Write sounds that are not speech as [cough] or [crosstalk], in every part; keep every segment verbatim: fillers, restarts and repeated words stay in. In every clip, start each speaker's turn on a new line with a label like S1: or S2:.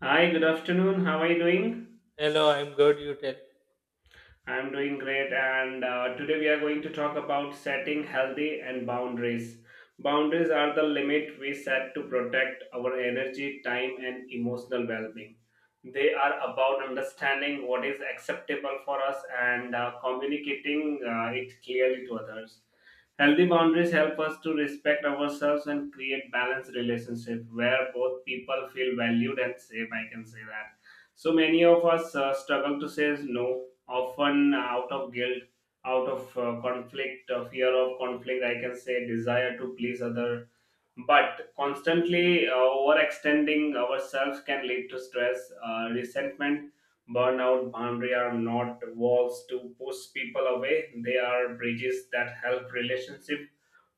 S1: Hi, good afternoon. How are you doing?
S2: Hello, I'm good. You tell.
S1: I'm doing great, and uh, today we are going to talk about setting healthy and boundaries. Boundaries are the limit we set to protect our energy, time, and emotional well being. They are about understanding what is acceptable for us and uh, communicating uh, it clearly to others. Healthy boundaries help us to respect ourselves and create balanced relationship where both people feel valued and safe. I can say that. So many of us uh, struggle to say no, often out of guilt, out of uh, conflict, uh, fear of conflict, I can say, desire to please other, but constantly uh, overextending ourselves can lead to stress, uh, resentment, burnout. Boundary are not walls to push people away, they are bridges that help relationship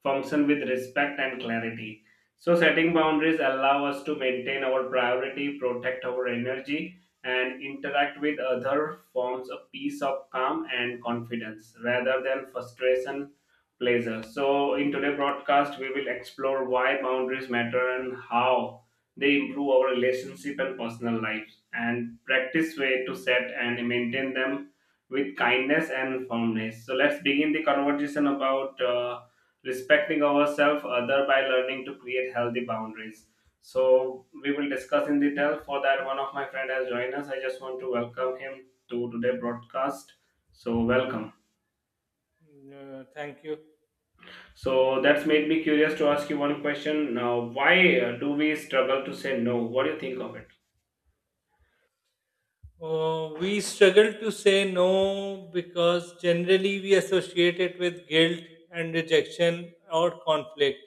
S1: function with respect and clarity. So setting boundaries allow us to maintain our priority, protect our energy, and interact with other forms a peace of calm and confidence rather than frustration, pleasure. So in today's broadcast we will explore why boundaries matter and how they improve our relationship and personal lives, and practice way to set and maintain them with kindness and firmness. So let's begin the conversation about uh, respecting ourselves other by learning to create healthy boundaries. So we will discuss in detail. For that, one of my friend has joined us. I just want to welcome him to today broadcast. So welcome.
S2: Mm, Uh, thank you.
S1: So that's made me curious to ask you one question. Now, why uh, do we struggle to say no? What do you think of it?
S2: Uh, we struggle to say no because generally we associate it with guilt and rejection or conflict.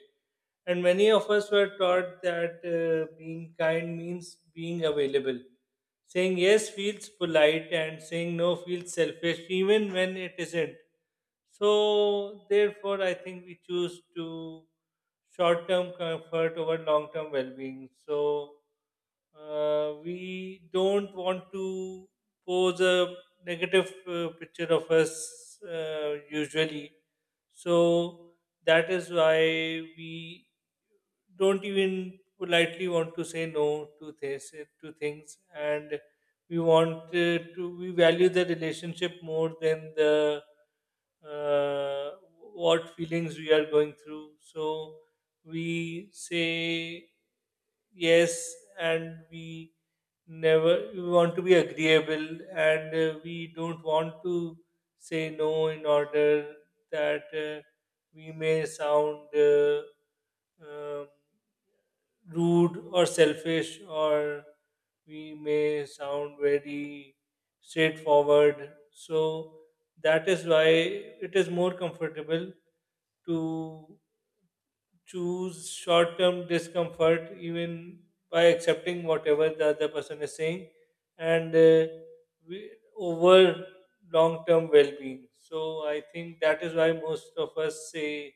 S2: And many of us were taught that uh, being kind means being available. Saying yes feels polite and saying no feels selfish, even when it isn't. So, therefore, I think we choose to short term comfort over long term well being. So, uh, we don't want to pose a negative uh, picture of us, uh, usually. So that is why we don't even politely want to say no to this to things, and we want uh, to we value the relationship more than the uh, what feelings we are going through, so we say yes, and we never we want to be agreeable, and uh, we don't want to say no in order that uh, we may sound uh, um, rude or selfish, or we may sound very straightforward. So that is why it is more comfortable to choose short term discomfort, even by accepting whatever the other person is saying, and uh, we, over long term well being. So I think that is why most of us say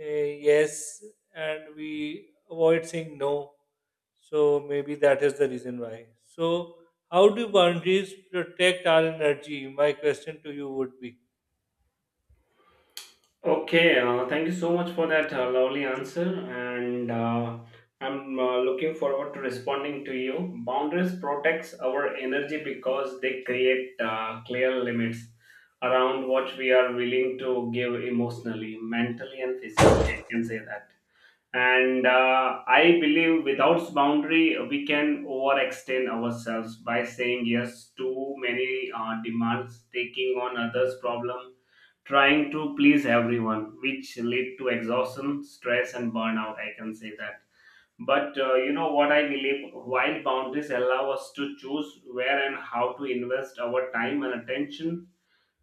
S2: uh, yes, and we avoid saying no. So maybe that is the reason why. So, how do boundaries protect our energy? My question to you would be.
S1: Okay, uh, thank you so much for that uh, lovely answer, and uh, I'm uh, looking forward to responding to you. Boundaries protects our energy because they create uh, clear limits around what we are willing to give emotionally, mentally, and physically. [laughs] I can say that. And uh, I believe without boundary, we can overextend ourselves by saying yes to many uh, demands, taking on others' problem, trying to please everyone, which lead to exhaustion, stress, and burnout. I can say that. But uh, you know what I believe? While boundaries allow us to choose where and how to invest our time and attention,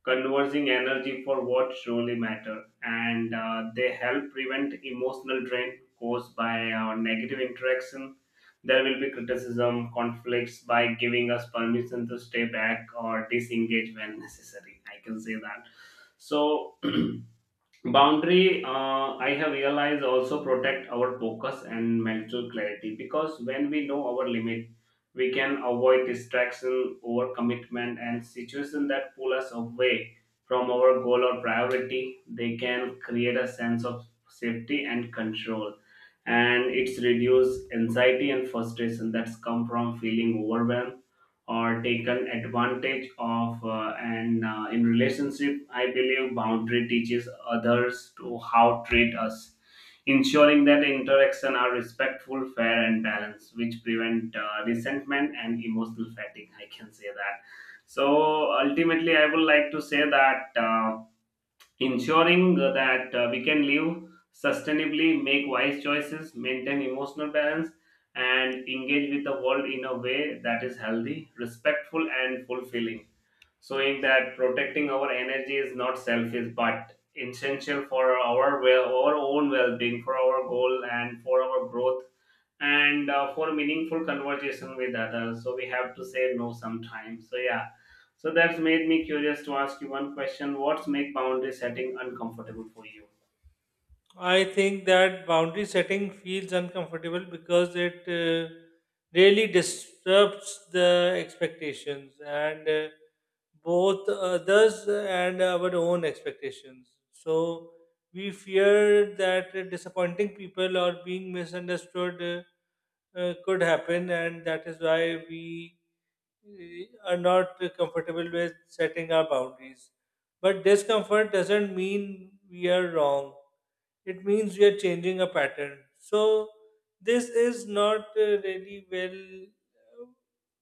S1: conversing energy for what truly matter, and uh, they help prevent emotional drain caused by uh, negative interaction, there will be criticism conflicts, by giving us permission to stay back or disengage when necessary. I can say that. So [clears throat] boundary, uh, I have realized, also protect our focus and mental clarity because when we know our limit we can avoid distraction, overcommitment, and situation that pull us away from our goal or priority. They can create a sense of safety and control, and it's reduce anxiety and frustration that's come from feeling overwhelmed or taken advantage of, uh, and uh, in relationship I believe boundary teaches others to how treat us, ensuring that interaction are respectful, fair and balanced, which prevent uh, resentment and emotional fatigue. I can say that. So ultimately I would like to say that, uh, ensuring that uh, we can live sustainably, make wise choices, maintain emotional balance, and engage with the world in a way that is healthy, respectful, and fulfilling. Showing that protecting our energy is not selfish but essential for our well, our own well-being, for our goal, and for our growth, and uh, for meaningful conversation with others. So we have to say no sometimes. So yeah. So that's made me curious to ask you one question. What's make boundary setting uncomfortable for you?
S2: I think that boundary setting feels uncomfortable because it uh, really disrupts the expectations, and uh, both others and our own expectations. So we fear that uh, disappointing people or being misunderstood uh, uh, could happen, and that is why we uh, are not comfortable with setting our boundaries. But discomfort doesn't mean we are wrong. It means we are changing a pattern. So this is not uh, really well uh,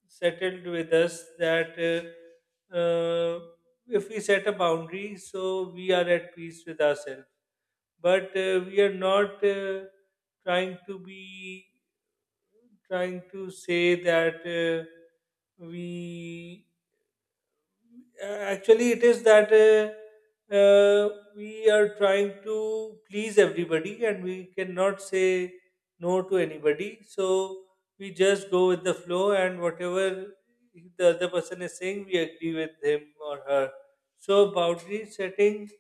S2: settled with us that, uh, uh, if we set a boundary, so we are at peace with ourselves. But uh, we are not uh, trying to be trying to say that uh, we uh, actually, it is that uh, uh, we are trying to please everybody, and we cannot say no to anybody. So we just go with the flow, and whatever the other person is saying, we agree with him or her. So boundary setting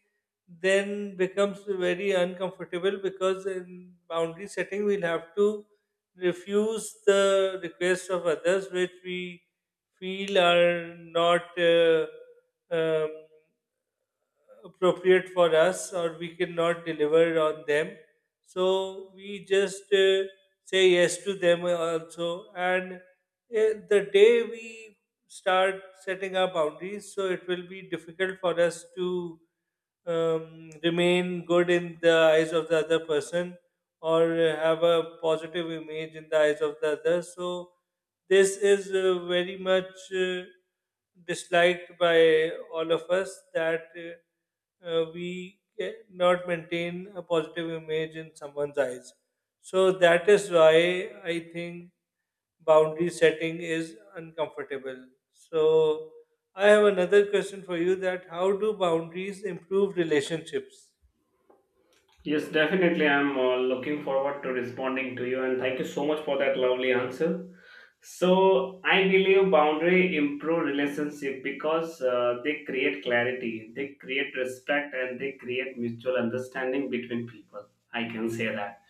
S2: then becomes very uncomfortable, because in boundary setting we'll have to refuse the requests of others which we feel are not Uh, um, appropriate for us, or we cannot deliver on them. So we just uh, say yes to them also. And uh, the day we start setting our boundaries, so it will be difficult for us to um, remain good in the eyes of the other person, or have a positive image in the eyes of the other. So this is uh, very much uh, disliked by all of us, that uh, uh, we cannot maintain a positive image in someone's eyes. So that is why I think boundary setting is uncomfortable. So I have another question for you: that how do boundaries improve relationships?
S1: Yes, definitely. I'm uh, looking forward to responding to you, and thank you so much for that lovely answer. So I believe boundary improve relationship because uh, they create clarity, they create respect, and they create mutual understanding between people. I can say that.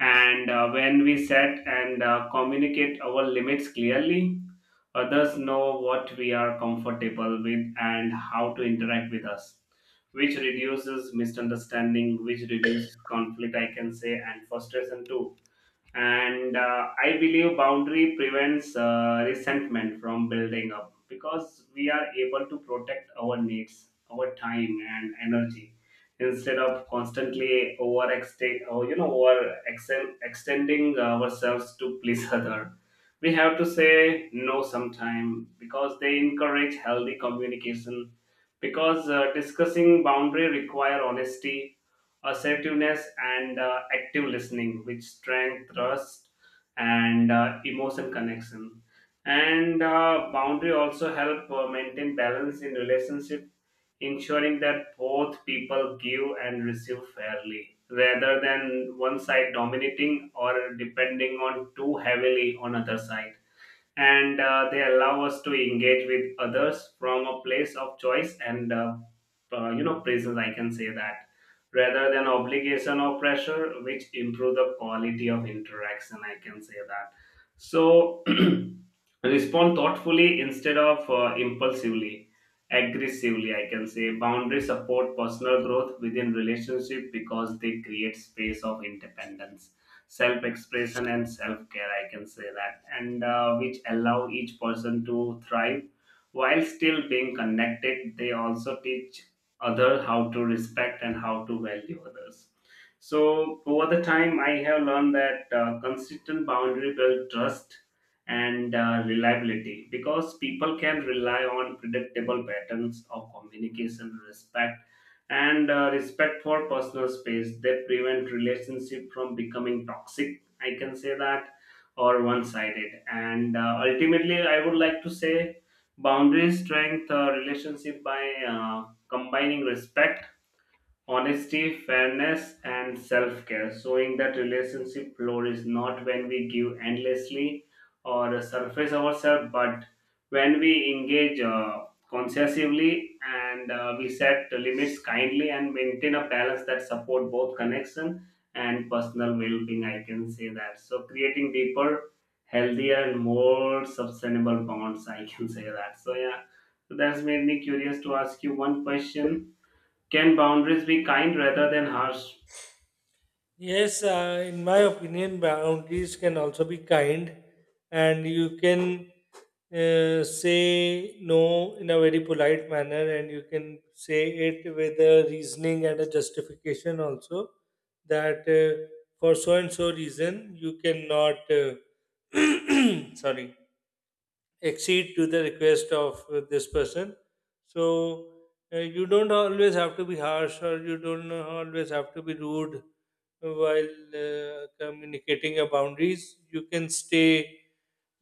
S1: And uh, when we set and uh, communicate our limits clearly, others know what we are comfortable with and how to interact with us, which reduces misunderstanding, which reduces conflict, I can say, and frustration too, and uh, I believe boundary prevents uh, resentment from building up because we are able to protect our needs, our time and energy, instead of constantly overextend or you know over extending ourselves to please [laughs] other. We have to say no sometime because they encourage healthy communication, because uh, discussing boundary require honesty, assertiveness and uh, active listening, which strength trust and uh, emotion connection, and uh, boundary also help uh, maintain balance in relationship, ensuring that both people give and receive fairly rather than one side dominating or depending on too heavily on other side, and uh, they allow us to engage with others from a place of choice and uh, uh, you know presence, I can say that, rather than obligation or pressure, which improve the quality of interaction. I can say that. So [clears throat] respond thoughtfully instead of uh, impulsively, aggressively, I can say. Boundaries support personal growth within relationship because they create space of independence, self expression and self care, I can say that, and uh, which allow each person to thrive while still being connected. They also teach other how to respect and how to value others. So over the time I have learned that uh, consistent boundary build trust and uh, reliability, because people can rely on predictable patterns of communication, respect, and uh, respect for personal space. They prevent relationship from becoming toxic, I can say that, or one-sided, and uh, ultimately I would like to say boundaries strength uh, relationship by uh, combining respect, honesty, fairness, and self care, showing that relationship flourish not when we give endlessly or surface ourselves, but when we engage uh, consciously, and uh, we set the limits kindly and maintain a balance that support both connection and personal well-being. I can say that. So creating deeper, healthier and more sustainable bonds, I can say that. So yeah. So that's made me curious to ask you one question: can boundaries be kind rather than harsh?
S2: Yes, uh, in my opinion, boundaries can also be kind, and you can uh, say no in a very polite manner, and you can say it with a reasoning and a justification also, that uh, for so and so reason you cannot, Uh, [clears throat] sorry, accede to the request of uh, this person. So uh, you don't always have to be harsh, or you don't always have to be rude while uh, communicating your boundaries. You can stay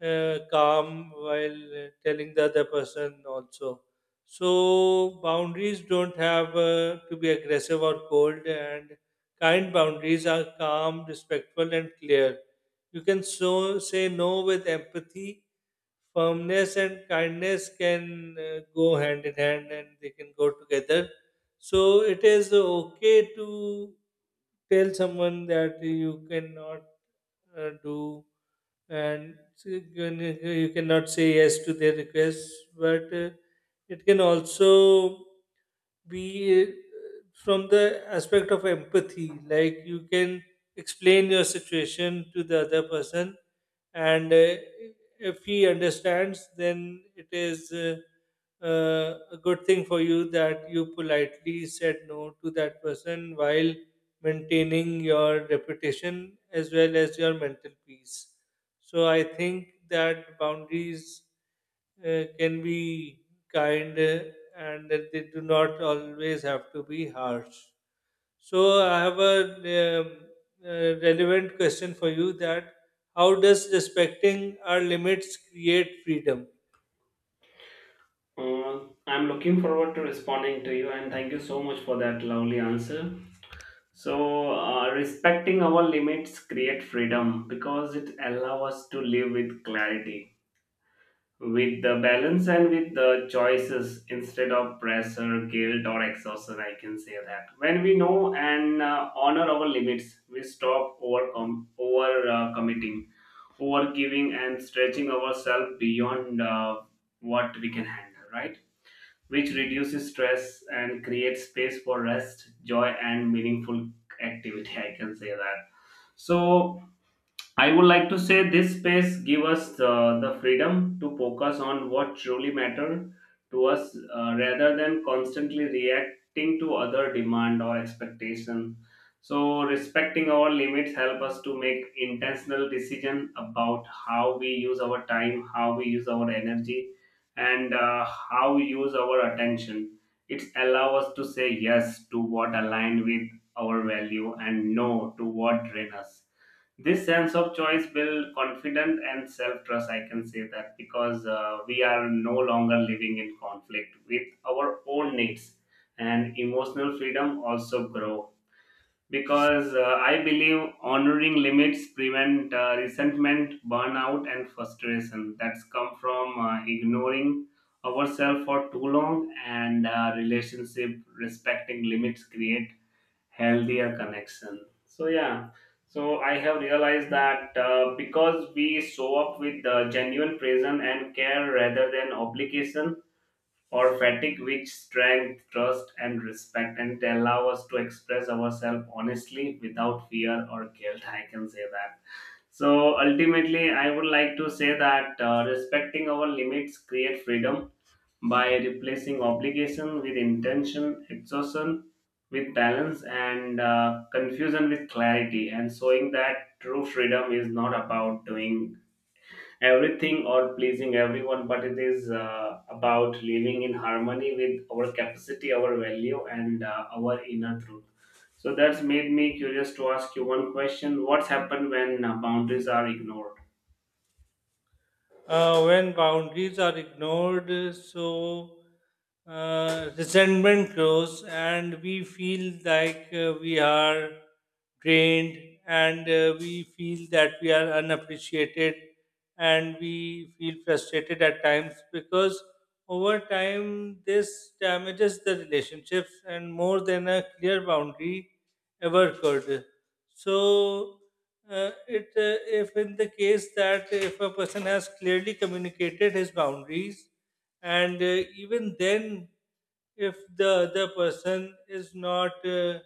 S2: uh, calm while uh, telling the other person also. So boundaries don't have uh, to be aggressive or cold, and kind boundaries are calm, respectful, and clear. You can so say no with empathy, firmness, and kindness can uh, go hand in hand, and they can go together. So it is okay to tell someone that you cannot uh, do, and so you can- you cannot say yes to their requests, but uh, it can also be, uh, from the aspect of empathy, like you can explain your situation to the other person, and uh, if he understands, then it is uh, uh, a good thing for you that you politely said no to that person while maintaining your reputation as well as your mental peace. So I think that boundaries uh, can be kind, uh, and that they do not always have to be harsh. So I have a um, uh, relevant question for you: that how does respecting our limits create freedom?
S1: Uh, I'm looking forward to responding to you, and thank you so much for that lovely answer. So, uh, respecting our limits create freedom because it allows us to live with clarity, with the balance and with the choices instead of pressure, guilt or exhaustion. I can say that. When we know and uh, honor our limits, we stop over com- over uh, committing, over giving and stretching ourselves beyond uh, what we can handle, right, which reduces stress and creates space for rest, joy and meaningful activity. I can say that. So I would like to say this space give us uh, the freedom to focus on what truly matter to us, uh, rather than constantly reacting to other demand or expectation. So respecting our limits help us to make intentional decision about how we use our time, how we use our energy, and uh, how we use our attention. It allow us to say yes to what align with our value and no to what drain us. This sense of choice build confidence and self-trust, I can say that, because uh, we are no longer living in conflict with our own needs, and emotional freedom also grow because uh, I believe honoring limits prevent uh, resentment, burnout and frustration that's come from uh, ignoring ourselves for too long, and uh, relationship, respecting limits create healthier connection. So yeah. So I have realized that uh, because we show up with the genuine presence and care rather than obligation or fatigue, which strength trust and respect, and they allow us to express ourselves honestly without fear or guilt. I can say that. So ultimately I would like to say that uh, respecting our limits create freedom by replacing obligation with intention, exhaustion with balance, and uh, confusion with clarity, and showing that true freedom is not about doing everything or pleasing everyone, but it is uh, about living in harmony with our capacity, our value, and uh, our inner truth. So that's made me curious to ask you one question: what's happened when uh, boundaries are ignored?
S2: Uh, when boundaries are ignored, uh, so uh, resentment grows, and we feel like uh, we are drained, and uh, we feel that we are unappreciated, and we feel frustrated at times, because over time this damages the relationships and more than a clear boundary ever could. So uh, it uh, if, in the case that if a person has clearly communicated his boundaries, and uh, even then, if the other person is not uh,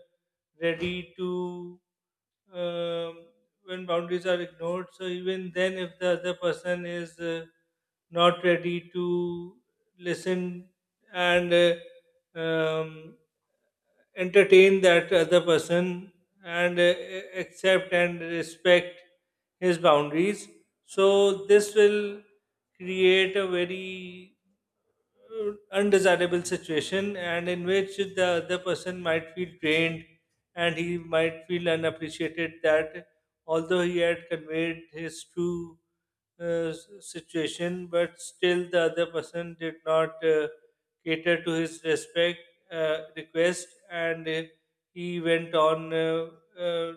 S2: ready to um, when boundaries are ignored, so even then if the other person is uh, not ready to listen, and uh, um, entertain that other person, and uh, accept and respect his boundaries. So this will create a very uh, undesirable situation, and in which the other person might feel drained, and he might feel unappreciated, that although he had conveyed his true uh, s- situation, but still the other person did not uh, cater to his respect, uh, request, and uh, he went on uh, uh,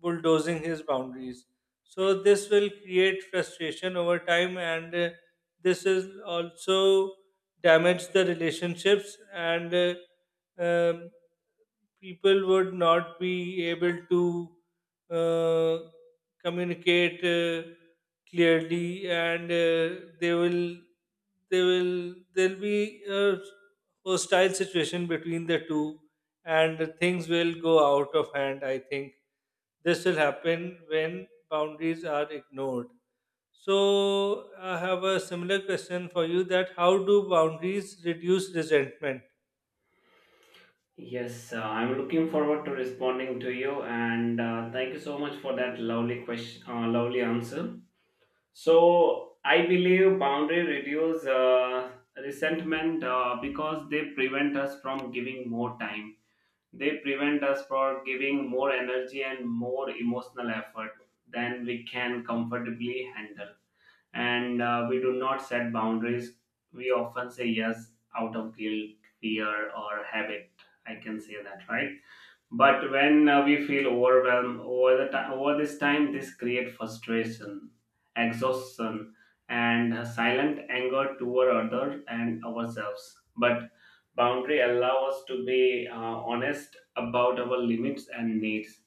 S2: bulldozing his boundaries. So this will create frustration over time, and uh, this is also damage the relationships, and uh, um, people would not be able to uh, communicate uh, clearly, and uh, they will they will there'll be a hostile situation between the two, and things will go out of hand. I think this will happen when boundaries are ignored. So I have a similar question for you: that how do boundaries reduce resentment?
S1: Yes, uh, I'm looking forward to responding to you, and uh, thank you so much for that lovely question, uh, lovely answer. So I believe boundary reduce uh, resentment uh, because they prevent us from giving more time. They prevent us from giving more energy and more emotional effort than we can comfortably handle, and uh, we do not set boundaries. We often say yes out of guilt, fear, or habit. I can say that, right? But when uh, we feel overwhelmed over the time, over this time, this create frustration, exhaustion, and a silent anger toward others and ourselves. But boundary allow us to be uh, honest about our limits and needs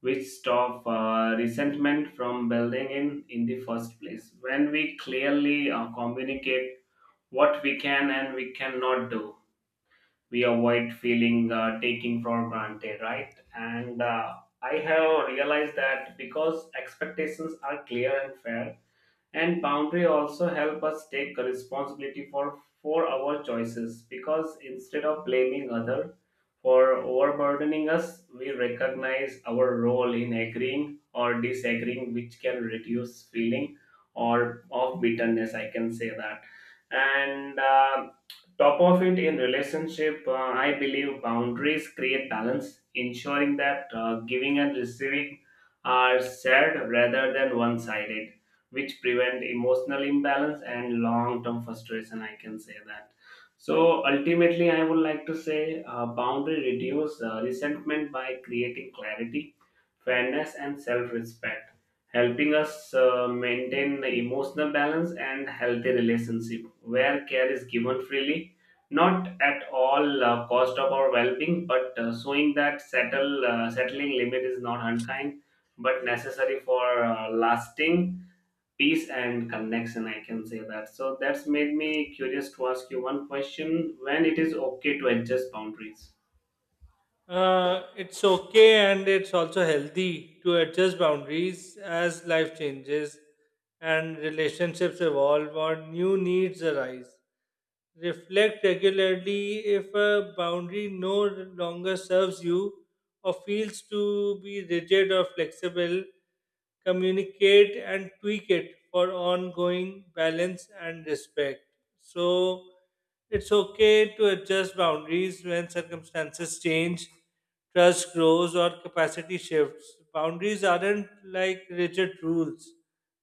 S1: which stop uh, resentment from building in in the first place. When we clearly uh, communicate what we can and we cannot do, we avoid feeling uh, taking for granted, right? And uh, I have realized that because expectations are clear and fair. And boundary also help us take responsibility for for our choices, because instead of blaming other for overburdening us, we recognize our role in agreeing or disagreeing, which can reduce feeling or of bitterness, I can say that. And uh, Top of it, in relationship, uh, I believe boundaries create balance, ensuring that uh, giving and receiving are shared rather than one sided, which prevent emotional imbalance and long term frustration, I can say that. So ultimately, I would like to say uh, boundary reduce uh, resentment by creating clarity, fairness and self respect, helping us uh, maintain the emotional balance and healthy relationship where care is given freely, not at all uh, cost of our well-being, but uh, showing that settle uh, settling limit is not unkind but necessary for uh, lasting peace and connection, I can say that. So that's made me curious to ask you one question: when it is okay to adjust boundaries?
S2: Uh, it's okay, and it's also healthy to adjust boundaries as life changes and relationships evolve or new needs arise. Reflect regularly if a boundary no longer serves you or feels to be rigid or flexible. Communicate and tweak it for ongoing balance and respect. So, it's okay to adjust boundaries when circumstances change, trust grows, or capacity shifts. Boundaries aren't like rigid rules,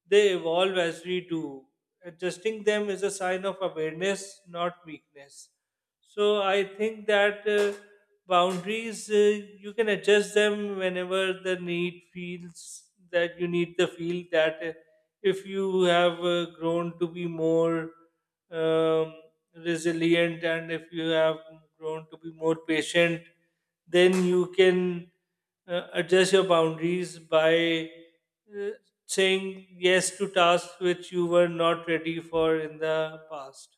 S2: they evolve as we do. Adjusting them is a sign of awareness, not weakness. So I think that uh, boundaries uh, you can adjust them whenever the need feels that you need the feel that uh, if you have uh, grown to be more um, resilient, and if you have grown to be more patient, then you can uh, adjust your boundaries by uh, saying yes to tasks which you were not ready for in the past.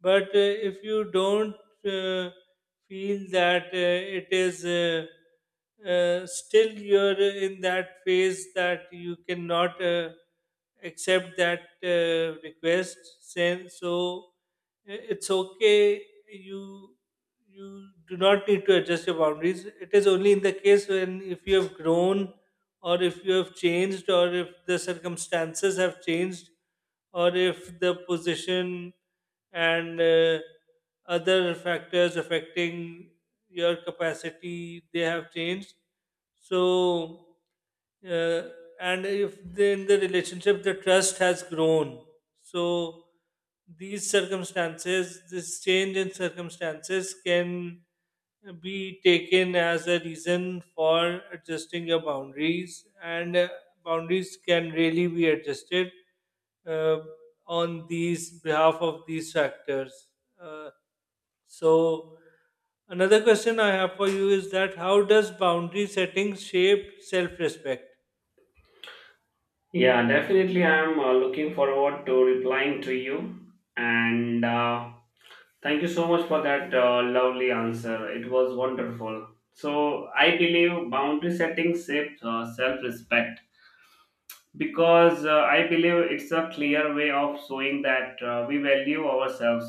S2: But uh, if you don't uh, feel that, uh, it is uh, uh, still you're in that phase, that you cannot uh, accept that uh, request, then so i- it's okay. You you do not need to adjust your boundaries. It is only in the case when, if you have grown, or if you have changed, or if the circumstances have changed, or if the position and uh, other factors affecting your capacity, they have changed. So, uh, and if the, in the relationship the trust has grown, so these circumstances, this change in circumstances can be taken as a reason for adjusting your boundaries, and uh, boundaries can really be adjusted uh, on these behalf of these factors. Uh, so, another question I have for you is: that how does boundary setting shape self respect?
S1: Yeah, definitely, I'm uh, looking forward to replying to you. And uh, Thank you so much for that uh, lovely answer, it was wonderful. So I believe boundary setting shapes uh, self-respect because uh, I believe it's a clear way of showing that uh, we value ourselves,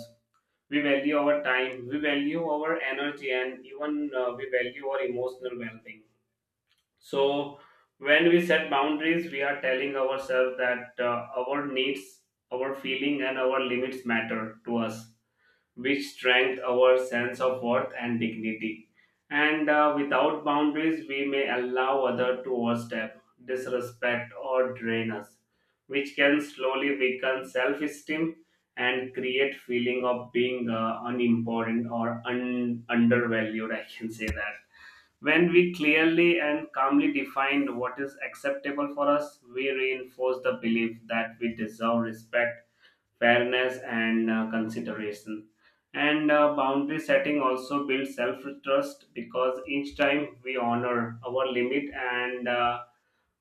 S1: we value our time, we value our energy, and even uh, we value our emotional well-being. So when we set boundaries, we are telling ourselves that uh, our needs, our feeling and our limits matter to us, which strengthen our sense of worth and dignity. And uh, without boundaries, we may allow others to overstep, disrespect, or drain us, which can slowly weaken self-esteem and create feeling of being uh, unimportant or un- undervalued. I can say that. When we clearly and calmly define what is acceptable for us, we reinforce the belief that we deserve respect, fairness and uh, consideration. And uh, boundary setting also builds self trust, because each time we honor our limit and uh,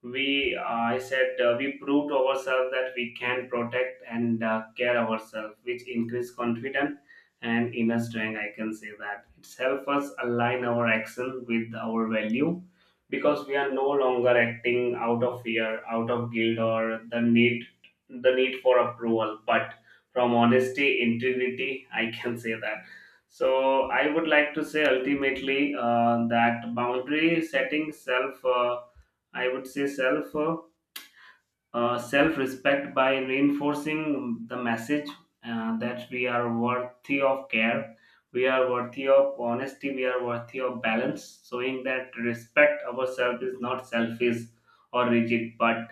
S1: we uh, I said uh, we proved to ourselves that we can protect and uh, care ourselves, which increase confidence and inner strength, I can say that. It's help us align our action with our value because we are no longer acting out of fear, out of guilt, or the need the need for approval, but from honesty, integrity, I can say that. So I would like to say ultimately uh, that boundary setting self uh, I would say self uh, uh, self respect by reinforcing the message uh, that we are worthy of care, we are worthy of honesty, we are worthy of balance, showing that respect ourselves is not selfish or rigid, but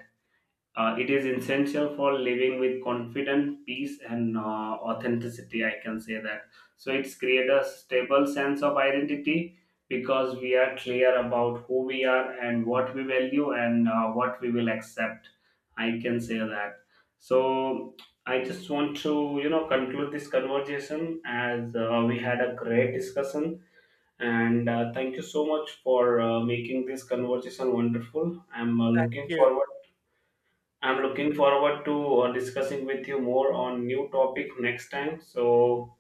S1: uh, it is essential for living with confidence, peace, and uh, authenticity. I can say that. So it's create a stable sense of identity because we are clear about who we are and what we value and uh, what we will accept. I can say that. So I just want to you know conclude this conversation, as uh, we had a great discussion, and uh, thank you so much for uh, making this conversation wonderful. I'm uh,
S2: Thank
S1: looking
S2: you.
S1: forward I'm
S2: Thank,
S1: looking forward to uh, discussing with you more on new topic next time. So,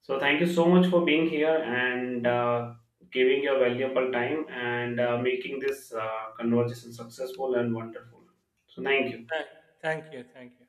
S1: so thank you so much for being here, and uh, giving your valuable time and uh, making this uh, conversation successful and wonderful. So, thank you.
S2: thank, thank you. Thank you.